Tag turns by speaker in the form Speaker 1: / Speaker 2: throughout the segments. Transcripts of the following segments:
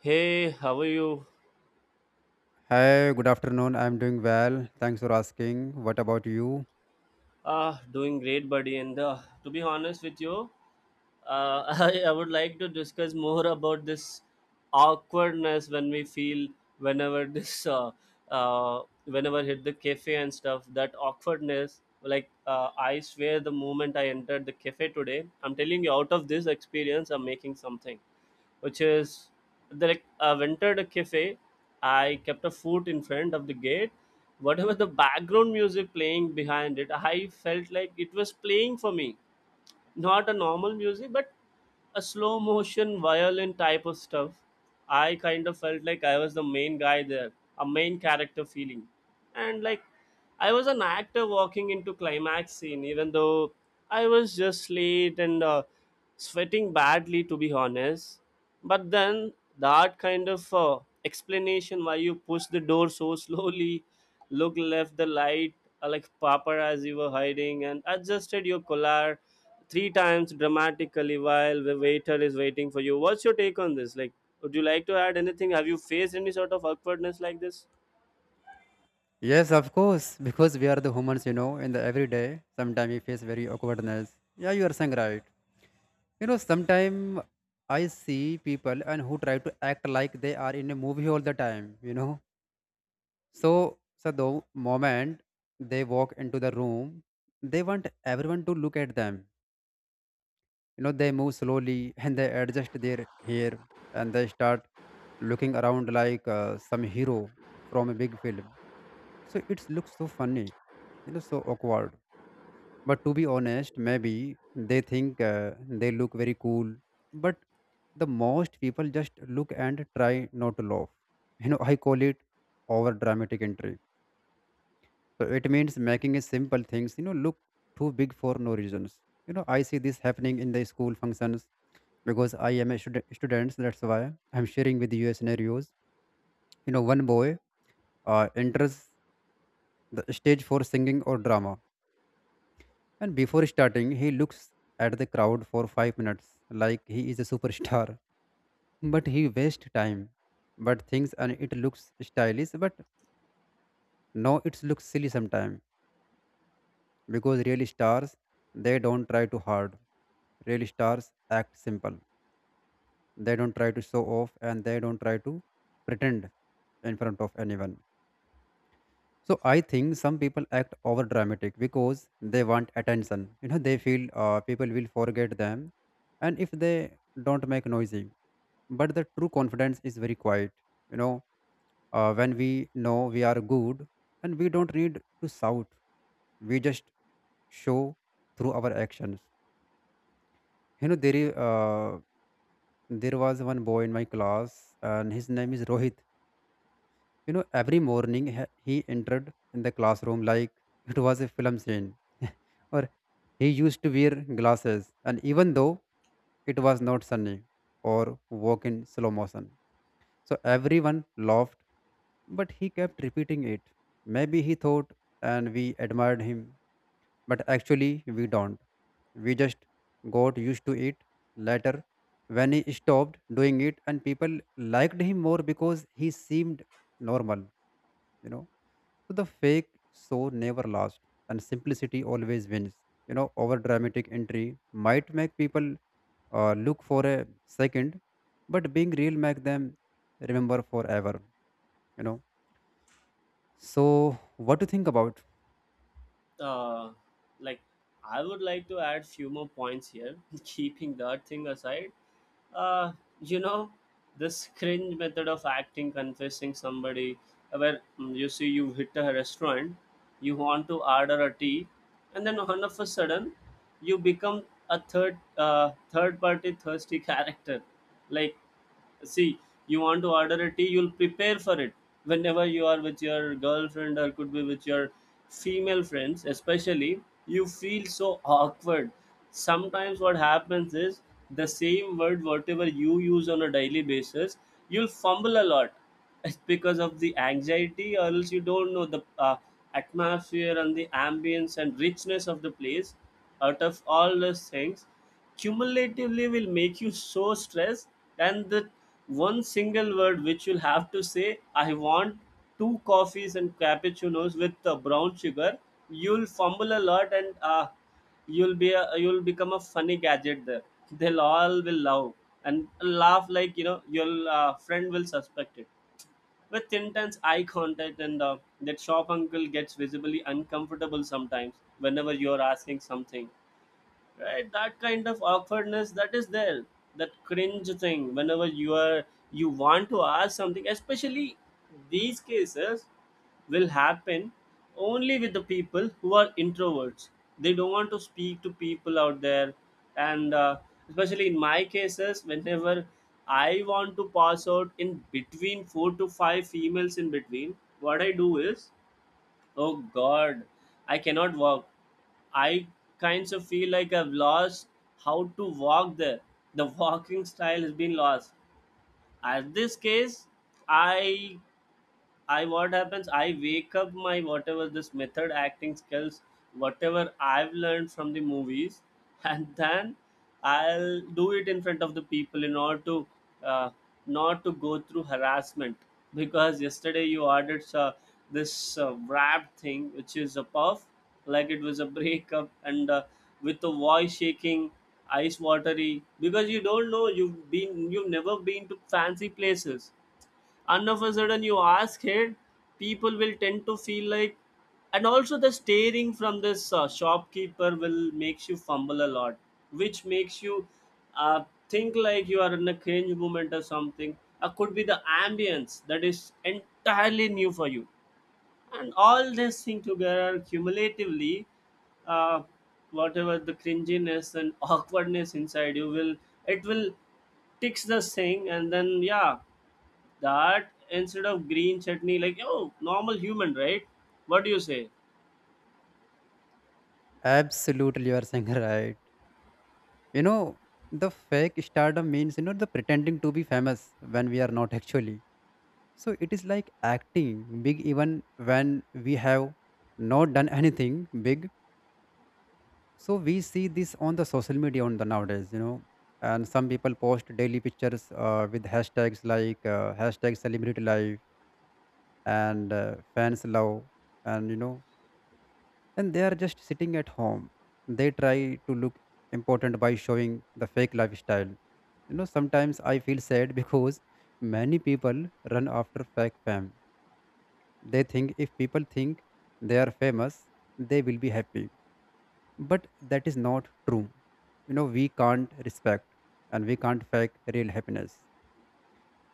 Speaker 1: Hey, how are you?
Speaker 2: Hi, good afternoon. I'm doing well. Thanks for asking. What about you?
Speaker 1: Ah, doing great, buddy. And to be honest with you, I would like to discuss more about this awkwardness when we feel whenever this whenever hit the cafe and stuff. That awkwardness, like I swear, the moment I entered the cafe today, I'm telling you, out of this experience, I'm making something which is like I've entered a cafe. I kept a foot in front of the gate, whatever the background music playing behind it, I felt like it was playing for me, not a normal music, but a slow motion violin type of stuff. I kind of felt like I was the main guy there, a main character feeling. And like I was an actor walking into climax scene, even though I was just late and sweating badly, to be honest. But then that kind of explanation why you push the door so slowly, look left the light, like paparazzi were hiding, and adjusted your collar three times dramatically while the waiter is waiting for you. What's your take on this? Like, would you like to add anything? Have you faced any sort of awkwardness like this?
Speaker 2: Yes, of course, because we are the humans, you know, in the everyday, sometimes we face very awkwardness. Yeah, you are saying right. You know, sometimes I see people and who try to act like they are in a movie all the time, you know. So the moment they walk into the room, they want everyone to look at them. You know, they move slowly and they adjust their hair, and they start looking around like some hero from a big film. So it looks so funny, you know, so awkward. But to be honest, maybe they think they look very cool, but the most people just look and try not to laugh. You know, I call it over dramatic entry. So it means making a simple things, you know, look too big for no reasons. You know, I see this happening in the school functions because I am a student. That's why I'm sharing with you scenarios. You know, one boy enters the stage for singing or drama, and before starting, he looks at the crowd for 5 minutes like he is a superstar. But he wastes time, but things and it looks stylish, but no, it looks silly sometimes because real stars they don't try too hard. Real stars act simple. They don't try to show off and they don't try to pretend in front of anyone. So I think some people act over dramatic because they want attention. You know, they feel people will forget them, and if they don't make noisy. But the true confidence is very quiet. You know, when we know we are good, and we don't need to shout. We just show through our actions. You know, there was one boy in my class, and his name is Rohit. You know, every morning he entered in the classroom like it was a film scene, or he used to wear glasses, and even though it was not sunny or walk in slow motion. So everyone laughed, but he kept repeating it. Maybe he thought and we admired him, but actually we don't. We just got used to it later when he stopped doing it, and people liked him more because he seemed normal, you know. So the fake show never lasts, and simplicity always wins. You know, over dramatic entry might make people look for a second, but being real make them remember forever. You know. So what do you think about?
Speaker 1: uh, like, I would like to add few more points here, keeping that thing aside. uh, you know, this cringe method of acting confessing somebody, where you see you hit a restaurant, you want to order a tea, and then all of a sudden you become a third party thirsty character. Like, see, you want to order a tea, you'll prepare for it. Whenever you are with your girlfriend or could be with your female friends especially, you feel so awkward. Sometimes what happens is the same word whatever you use on a daily basis, you'll fumble a lot. It's because of the anxiety, or else you don't know the atmosphere and the ambience and richness of the place. Out of all those things cumulatively will make you so stressed. And that one single word which you'll have to say, I want two coffees and cappuccinos with brown sugar, you'll fumble a lot. And you'll become a funny gadget there. They'll all will love and laugh, like, you know, your friend will suspect it with intense eye contact. And that shop uncle gets visibly uncomfortable sometimes whenever you're asking something, right? That kind of awkwardness that is there, that cringe thing whenever you are, you want to ask something especially. These cases will happen only with the people who are introverts. They don't want to speak to people out there. And especially in my cases, whenever I want to pass out in between four to five females, in between what I do is, oh god, I cannot walk. I kinds of feel like I've lost how to walk there. The walking style has been lost. As this case, I I what happens? I wake up my whatever this method acting skills, whatever I've learned from the movies, and then I'll do it in front of the people in order to uh, not to go through harassment. Because yesterday you ordered this wrap thing, which is a puff, like it was a breakup, and with the voice shaking, ice watery. Because you don't know, you've never been to fancy places, and of a sudden you ask it, people will tend to feel like. And also the staring from this shopkeeper will makes you fumble a lot, which makes you uh, think like you are in a cringe moment or something, or could be the ambience that is entirely new for you. And all this thing together cumulatively, uh, whatever the cringiness and awkwardness inside you, will, it will ticks the thing, and then yeah, that instead of green chutney, like oh, normal human, right? What do you say?
Speaker 2: Absolutely, you are saying right. You know, the fake stardom means you know the pretending to be famous when we are not actually. So it is like acting big even when we have not done anything big. So we see this on the social media on the nowadays, you know, and some people post daily pictures with hashtags like hashtag celebrity life and fans love, and you know, and they are just sitting at home. They try to look important by showing the fake lifestyle. You know, sometimes I feel sad because many people run after fake fame. They think if people think they are famous, they will be happy, but that is not true. You know, we can't respect and we can't fake real happiness,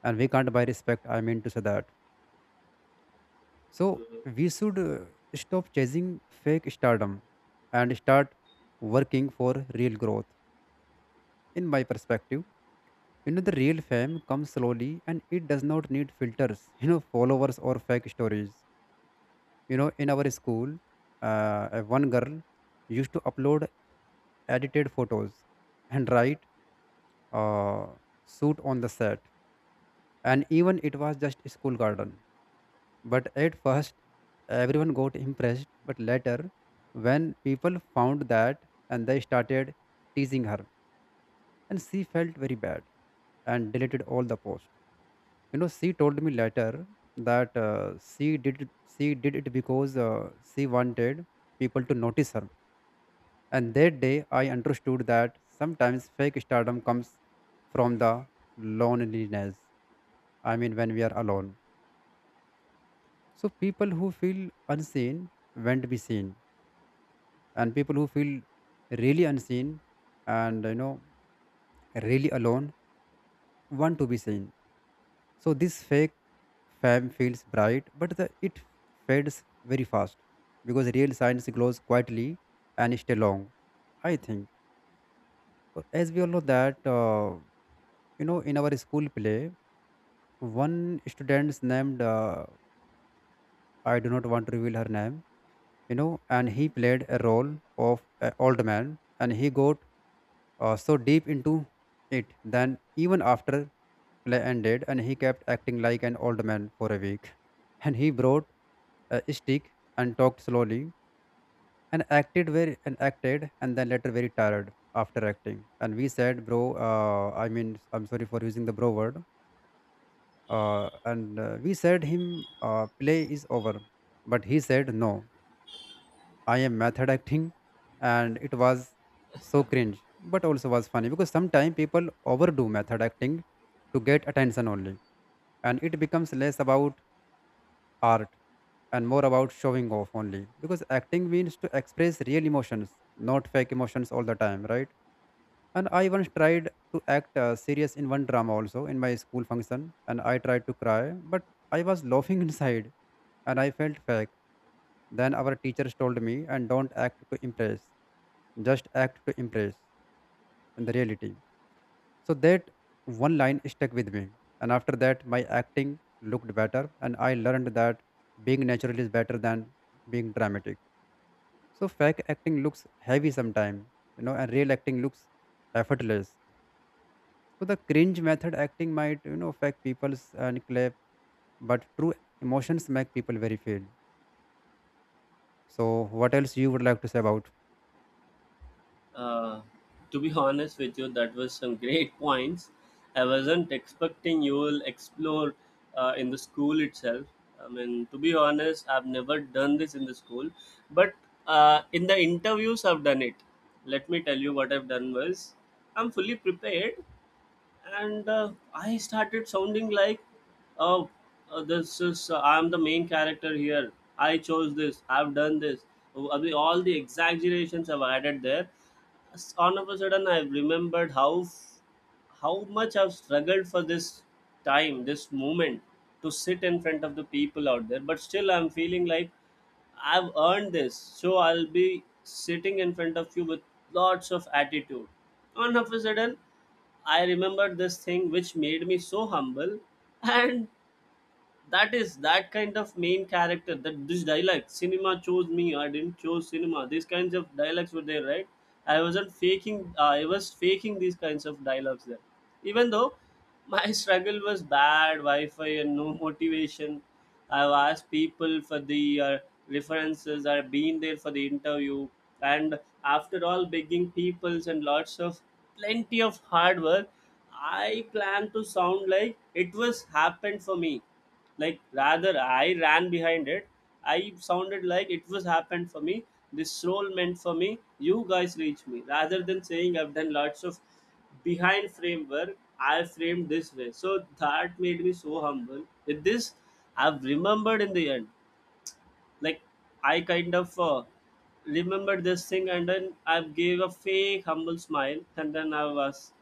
Speaker 2: and we can't buy respect, I mean to say that. So
Speaker 1: Mhm.
Speaker 2: we should stop chasing fake stardom and start working for real growth, in my perspective. You know, the real fame comes slowly and it does not need filters, you know, followers or fake stories. You know, in our school, one girl used to upload edited photos and write uh, suit on the set, and even it was just school garden. But at first, everyone got impressed. But later, when people found that, and they started teasing her, and she felt very bad and deleted all the post. You know, she told me later that she did it because she wanted people to notice her. And that day, I understood that sometimes fake stardom comes from the loneliness. I mean, when we are alone. So, people who feel unseen want to be seen, and people who feel really unseen and you know really alone want to be seen. So, this fake fame feels bright, but it fades very fast because real science glows quietly and stay long. I think. As we all know that, you know, in our school play, one student's named, I do not want to reveal her name, you know, and he played a role of an old man and he got so deep into it. Then even after play ended and he kept acting like an old man for a week and he brought a stick and talked slowly and acted very and acted and then later very tired after acting and we said bro I'm sorry for using the bro word. And We said him play is over, but he said no, I am method acting. And it was so cringe, but also was funny because sometimes people overdo method acting to get attention only, and it becomes less about art and more about showing off only because acting means to express real emotions, not fake emotions all the time, right? And I once tried to act serious in one drama also in my school function, and I tried to cry, but I was laughing inside and I felt fake. Then our teachers told me and don't act to impress, just act to impress in the reality. So that one line stuck with me. And after that, my acting looked better. And I learned that being natural is better than being dramatic. So fake acting looks heavy sometimes, you know, and real acting looks effortless. So the cringe method acting might, you know, fake people's and clap, but true emotions make people very feel. So what else you would like to say about?
Speaker 1: Uh, to be honest with you, that was some great points. I wasn't expecting you will explore in the school itself. I mean, to be honest, I've never done this in the school, but in the interviews, I've done it. Let me tell you what I've done was, I'm fully prepared, and I started sounding like, "Oh, this is I'm the main character here. I chose this. I've done this." I mean, all the exaggerations I've added there, all of a sudden I've remembered how much I've struggled for this time, this moment, to sit in front of the people out there. But still I'm feeling like I've earned this, so I'll be sitting in front of you with lots of attitude. All of a sudden I remembered this thing, which made me so humble, and that is that kind of main character, that this dialect cinema chose me, I didn't choose cinema. These kinds of dialects were there, right? I wasn't faking, I was faking these kinds of dialogues there, even though my struggle was bad wi-fi and no motivation. I've asked people for the references, I've been there for the interview. And after all begging peoples and lots of plenty of hard work, I plan to sound like it was happened for me, like rather I ran behind it. I sounded like it was happened for me. This role meant for me. You guys reach me. Rather than saying I've done lots of behind framework, I framed this way. So that made me so humble. With this, I've remembered in the end. Like I kind of remembered this thing, and then I gave a fake humble smile, and then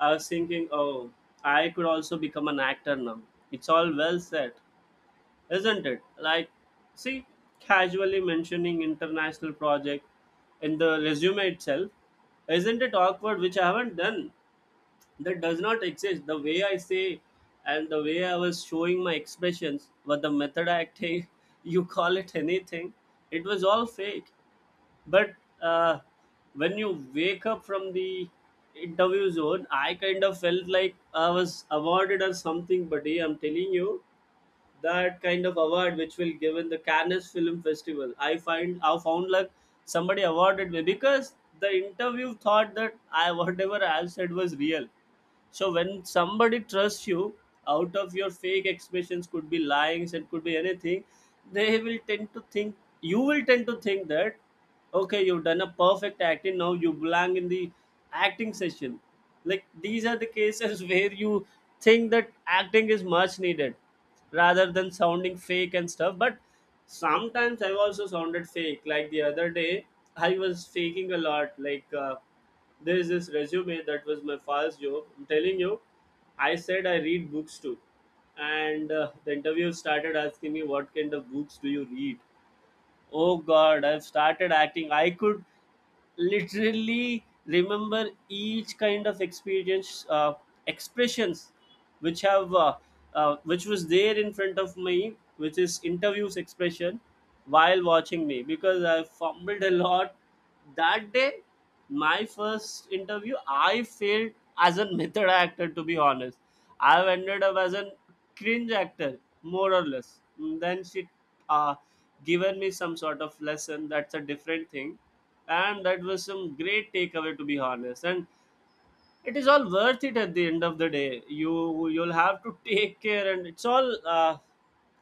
Speaker 1: I was thinking, oh, I could also become an actor now. It's all well said, isn't it? Like, see, casually mentioning international project in the resume itself, isn't it awkward? Which I haven't done. That does not exist. The way I say and the way I was showing my expressions, but the method acting, you call it anything, it was all fake. But uh, when you wake up from the interview zone, I kind of felt like I was awarded or something, buddy. I'm telling you, that kind of award which will given the Cannes Film Festival. I found like somebody awarded me, because the interview thought that I, whatever I said was real. So when somebody trusts you out of your fake expressions, could be lyings and could be anything, they will tend to think you will tend to think that okay, you've done a perfect acting, now you belong in the acting session. Like these are the cases where you think that acting is much needed rather than sounding fake and stuff. But sometimes I've also sounded fake. Like the other day, I was faking a lot. Like there's this resume that was my first job. I'm telling you, I said I read books too. And the interview started asking me, what kind of books do you read? Oh god, I've started acting. I could literally remember each kind of experience, expressions, which have, which was there in front of me, which is interviews expression, while watching me, because I fumbled a lot that day. My first interview, I failed as a method actor, to be honest. I've ended up as a cringe actor, more or less. Then she uh, given me some sort of lesson. That's a different thing, and that was some great takeaway, to be honest. And it is all worth it at the end of the day. You'll have to take care, and it's all.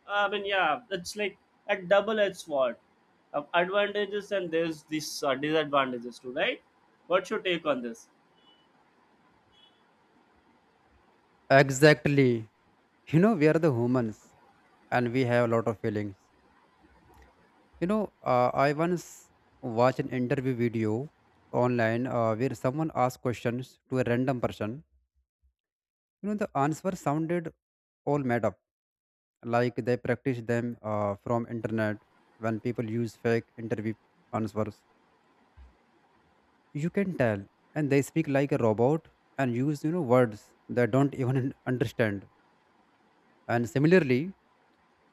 Speaker 1: I mean, yeah, it's like a double-edged sword. Of advantages, and there's this disadvantages too, right? What's your take on this?
Speaker 2: Exactly. You know, we are the humans and we have a lot of feelings. You know, I once watched an interview video online where someone asked questions to a random person. You know, the answer sounded all made up, like they practiced them from internet when people use fake interview answers. You can tell, and they speak like a robot and use you know words they don't even understand. And similarly,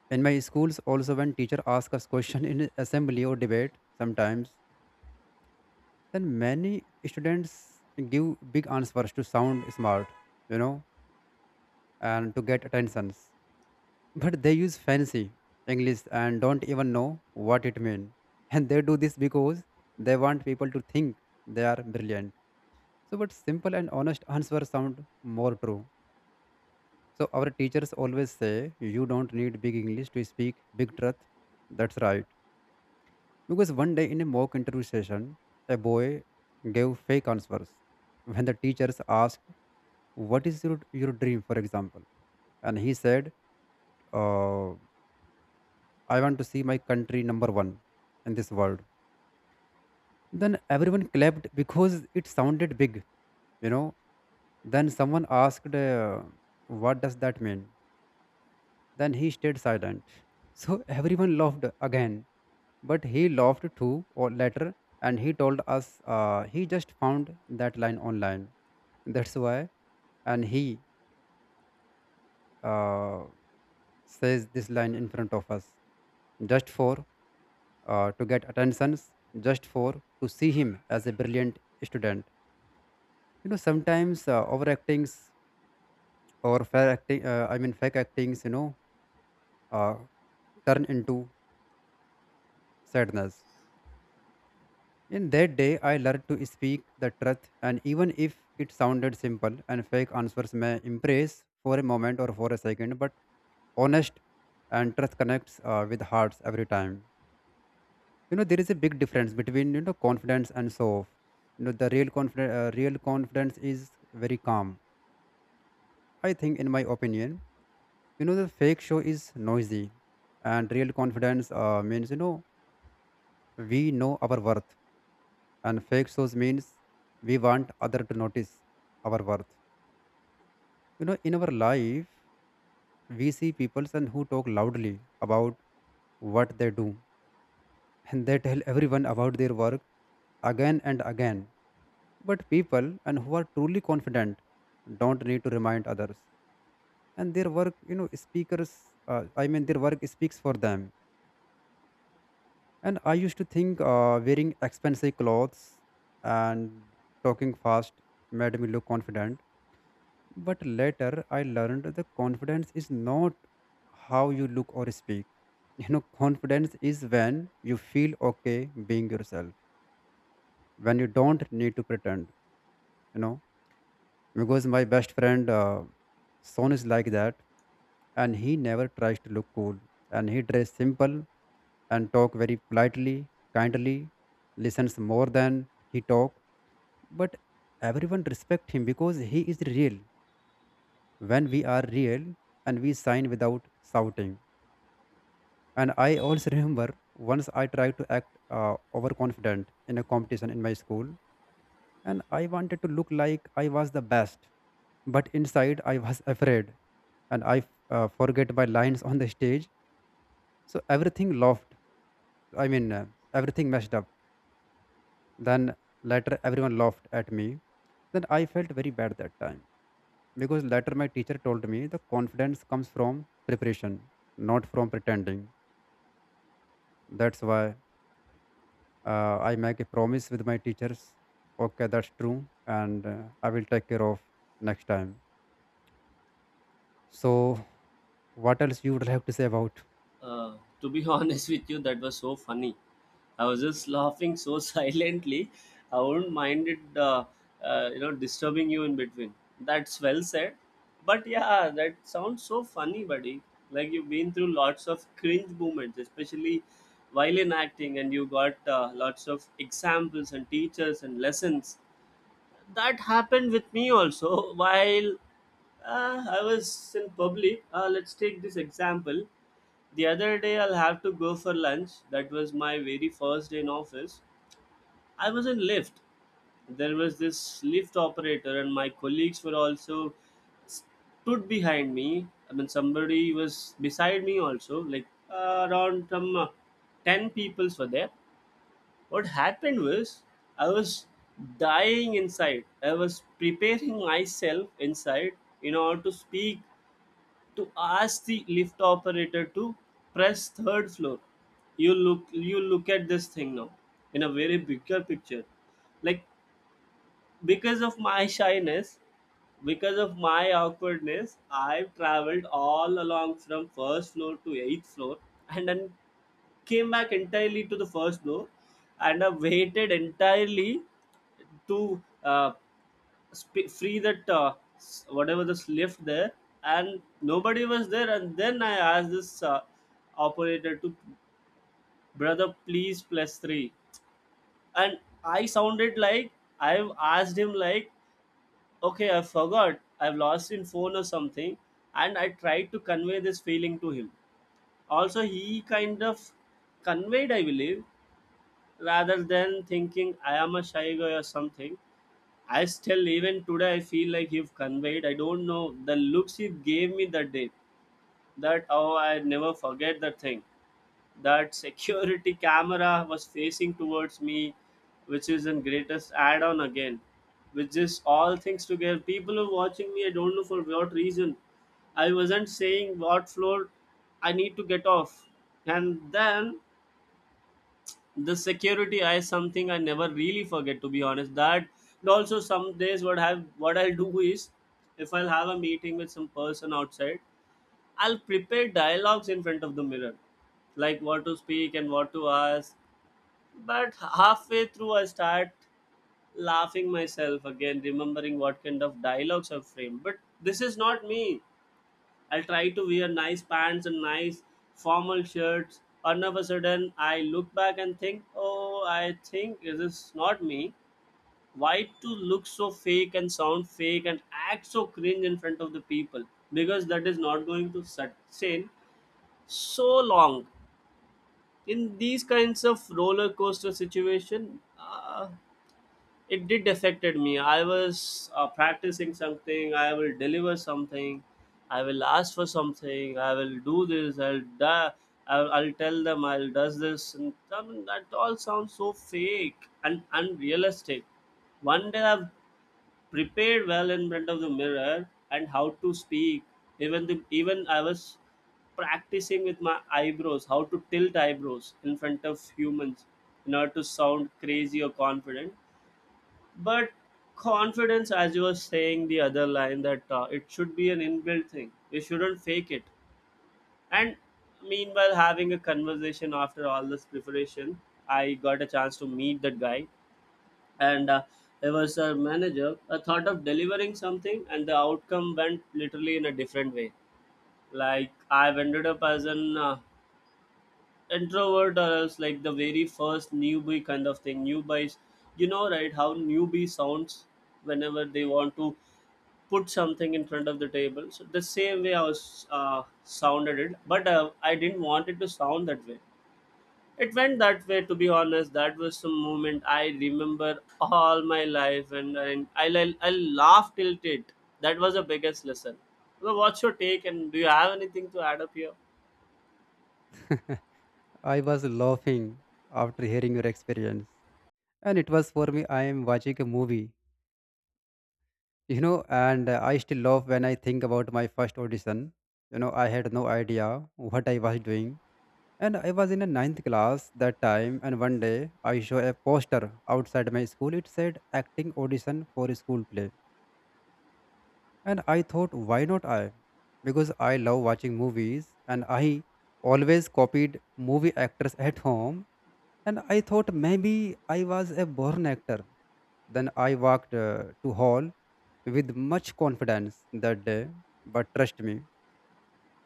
Speaker 2: in my schools also when teacher ask us question in assembly or debate sometimes, then many students give big answers to sound smart, you know, and to get attentions. But they use fancy English and don't even know what it means. And they do this because they want people to think they are brilliant. So, but simple and honest answers sound more true. So, our teachers always say, you don't need big English to speak big truth. That's right. Because one day in a mock interview session, a boy gave fake answers when the teachers asked what is your dream, for example, and he said uh, I want to see my country number 1 in this world. Then everyone clapped because it sounded big, you know. Then someone asked, what does that mean? Then he stayed silent. So everyone laughed again, but he laughed too or later, and he told us he just found that line online, that's why. And he uh, says this line in front of us just for to get attentions, just for to see him as a brilliant student. You know, sometimes overactings or fair acting, fake actings, you know, uh, turn into sadness. In that day, I learned to speak the truth, and even if it sounded simple and fake answers may impress for a moment or for a second, but honest and truth connects with hearts every time. You know, there is a big difference between you know confidence and show off. You know, the real confidence is very calm, I think, in my opinion. You know, the fake show is noisy, and real confidence means you know we know our worth, and fake shows means we want other to notice our worth. You know, in our life we see people and who talk loudly about what they do, and they tell everyone about their work again and again. But people and who are truly confident don't need to remind others, and their work, you know, speakers. I mean, their work speaks for them. And I used to think wearing expensive clothes and talking fast made me look confident. But later, I learned the confidence is not how you look or speak. You know, confidence is when you feel okay being yourself, when you don't need to pretend. You know. Because my best friend son is like that, and he never tries to look cool, and he dress simple and talk very politely, kindly, listens more than he talk. But everyone respect him because he is real. When we are real and we sign without shouting. And I also remember once I tried to act overconfident in a competition in my school, and I wanted to look like I was the best. But inside, I was afraid, and I forget my lines on the stage. So everything laughed. I mean, uh, Everything messed up. Then later, everyone laughed at me. Then I felt very bad that time because later my teacher told me the confidence comes from preparation, not from pretending. That's why I make a promise with my teachers. Okay, that's true, and I will take care of next time. So what else you would like to say about?
Speaker 1: Uh, to be honest with you, that was so funny. I was just laughing so silently. I wouldn't mind it, you know, disturbing you in between. That's well said. But yeah, that sounds so funny, buddy. Like you've been through lots of cringe moments, especially while in acting, and you got lots of examples and teachers and lessons that happened with me also while I was in public. Let's take this example. The other day, I'll have to go for lunch. That was my very first day in office. I was in lift. There was this lift operator, and my colleagues were also stood behind me. I mean, somebody was beside me also. Like around some ten peoples were there. What happened was, I was... dying inside. I was preparing myself inside in order to speak, to ask the lift operator to press third floor. You look, you look at this thing now in a very bigger picture, like, because of my shyness, because of my awkwardness, I've traveled all along from first floor to eighth floor, and then came back entirely to the first floor. And I waited entirely to free that whatever this lift there. And nobody was there, and then I asked this operator to, brother, please plus three. And I sounded like, I've asked him like, okay, I forgot, I've lost in phone or something. And I tried to convey this feeling to him. Also he kind of conveyed, I believe, rather than thinking I am a shy guy or something. I still, even today, I feel like he've conveyed, I don't know, the looks he gave me that day, that, oh, I never forget that thing. That security camera was facing towards me, which is in greatest add-on again. With is all things together, people are watching me, I don't know for what reason. I wasn't saying what floor I need to get off. And then the security is something I never really forget, to be honest. That, and also some days, what I'll do is, if I'll have a meeting with some person outside, I'll prepare dialogues in front of the mirror, like what to speak and what to ask. But halfway through, I start laughing myself again, remembering what kind of dialogues I've framed. But this is not me. I'll try to wear nice pants and nice formal shirts. And all of a sudden, I look back and think, oh, I think this is not me. Why to look so fake and sound fake and act so cringe in front of the people? Because that is not going to sustain so long. In these kinds of roller coaster situation, it did affected me. I was practicing something, I will deliver something, I will ask for something, I will do this, I'll tell them I'll does this, and I mean, that all sounds so fake and unrealistic. One day I've prepared well in front of the mirror, and how to speak. Even I was practicing with my eyebrows, how to tilt eyebrows in front of humans in order to sound crazy or confident. But confidence, as you were saying the other line, that it should be an inbuilt thing, you shouldn't fake it. And meanwhile, having a conversation after all this preparation, I got a chance to meet that guy. And there was a manager, I thought of delivering something and the outcome went literally in a different way. Like I've ended up as an introvert, or else like the very first newbie kind of thing. Newbies, you know, right, how newbie sounds whenever they want to put something in front of the table. So the same way I was sounded it, but I didn't want it to sound that way. It went that way, to be honest. That was some moment I remember all my life, and I'll laugh till it. That was the biggest lesson. So what's your take, and do you have anything to add up here?
Speaker 2: I was laughing after hearing your experience. And it was for me, I am watching a movie, you know, and I still laugh when I think about my first audition. You know, I had no idea what I was doing. And I was in a ninth class that time, and one day I saw a poster outside my school. It said acting audition for a school play. And I thought, why not I? Because I love watching movies and I always copied movie actors at home. And I thought maybe I was a born actor. Then I walked to hall with much confidence that day. But trust me,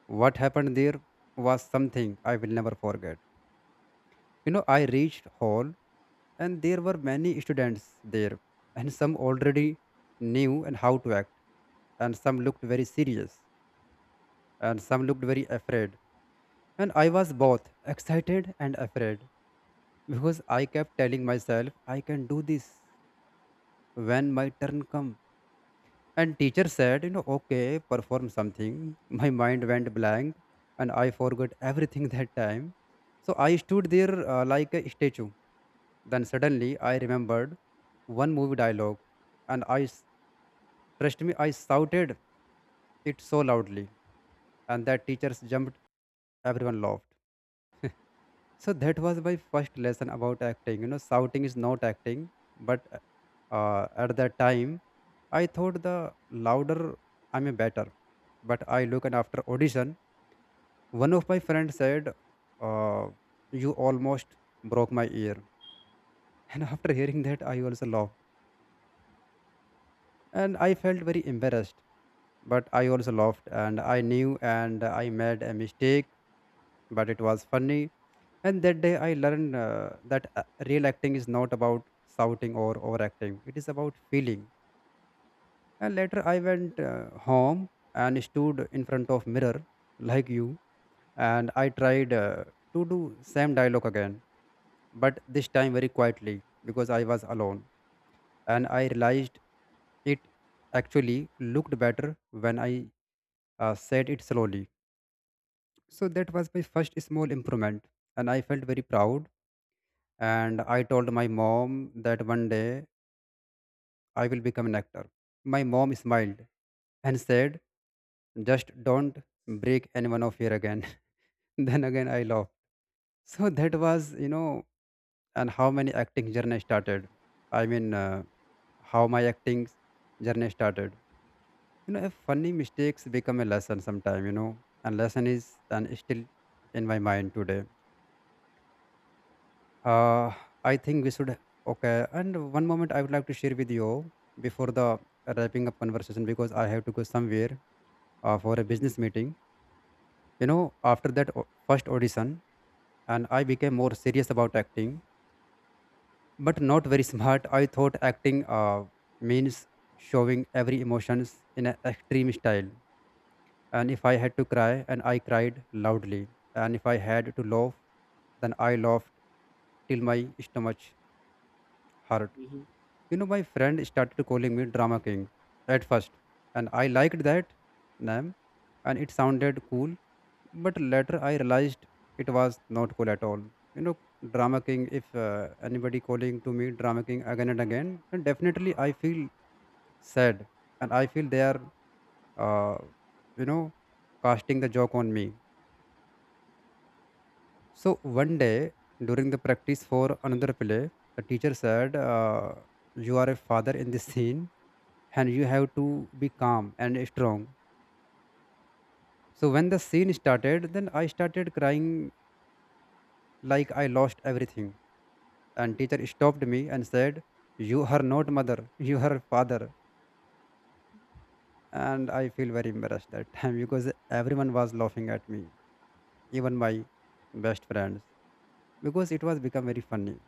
Speaker 2: what happened there was something I will never forget. You know, I reached hall, and there were many students there, and some already knew and how to act, and some looked very serious and some looked very afraid. And I was both excited and afraid because I kept telling myself I can do this when my turn comes. And teacher said, you know, okay, perform something. My mind went blank and I forgot everything that time. So I stood there like a statue. Then suddenly I remembered one movie dialogue and trust me, I shouted it so loudly. And that teachers jumped, everyone laughed. So that was my first lesson about acting. You know, shouting is not acting, but at that time, I thought the louder I'm a better. But I look and after audition, one of my friends said, uh, "You almost broke my ear," and after hearing that, I also laughed and I felt very embarrassed. But I also laughed, and I knew and I made a mistake, but it was funny. And that day I learned that real acting is not about shouting or overacting, it is about feeling. And later I went home and stood in front of mirror like you, and I tried to do same dialogue again, but this time very quietly because I was alone. And I realized it actually looked better when I said it slowly. So that was my first small improvement, and I felt very proud and I told my mom that one day I will become an actor. My mom smiled and said, just don't break any one of here again. Then again, I laughed. So that was, you know, and how many acting journey started. I mean, uh, how my acting journey started. You know, a funny mistakes become a lesson sometime, you know, and lesson is and is still in my mind today. Uh, I think we should. Okay. And one moment I would like to share with you before the wrapping up conversation because I have to go somewhere for a
Speaker 1: Mm-hmm.
Speaker 2: business meeting. After that first audition, and I became more serious about acting, but not very smart. I thought acting means showing every emotions in an extreme style. And if I had to cry, and I cried loudly. And if I had to laugh, then I laughed till my stomach hurt.
Speaker 1: Mm-hmm.
Speaker 2: You know, my friend started calling me Drama King at first, and I liked that name, and it sounded cool. But later, I realized it was not cool at all. You know, Drama King. If anybody calling to me Drama King again and again, then definitely I feel sad, and I feel they are, uh, you know, casting the joke on me. So one day during the practice for another play, the teacher said, "You are a father in this scene, and you have to be calm and strong." So when the scene started, then I started crying like I lost everything, and teacher stopped me and said, "You are not mother, you are father." And I feel very embarrassed that time because everyone was laughing at me, even my best friends, because it was become very funny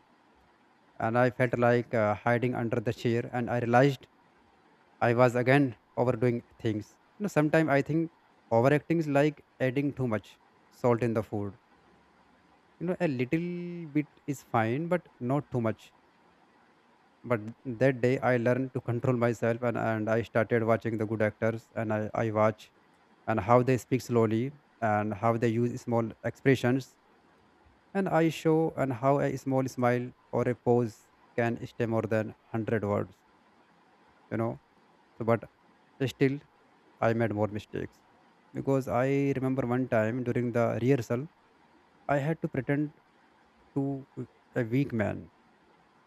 Speaker 2: and I felt like hiding under the chair. And I realized I was again overdoing things. You know, sometimes I think overacting is like adding too much salt in the food. You know, a little bit is fine, but not too much. But that day I learned to control myself, and I started watching the good actors, and I watch and how they speak slowly and how they use small expressions, and I show and how a small smile or a pose can stay more than 100 words, you know. So, but still, I made more mistakes because I remember one time during the rehearsal, I had to pretend to a weak man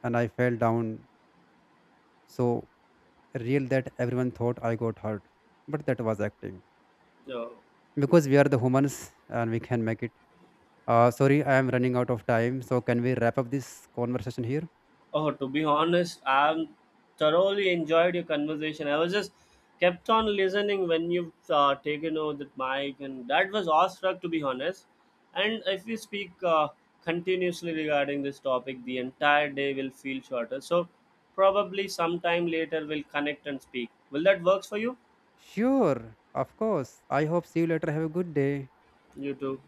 Speaker 2: and I fell down so real that everyone thought I got hurt. But that was acting
Speaker 1: No.
Speaker 2: because we are the humans and we can make it. Sorry, I am running out of time. So, can we wrap up this conversation here?
Speaker 1: Oh, to be honest, I thoroughly enjoyed your conversation. I was just kept on listening when you've taken over that mic, and that was awestruck, to be honest. And if we speak continuously regarding this topic, the entire day will feel shorter. So, probably sometime later we'll connect and speak. Will that works for you?
Speaker 2: Sure, of course. I hope see you later. Have a good day.
Speaker 1: You too.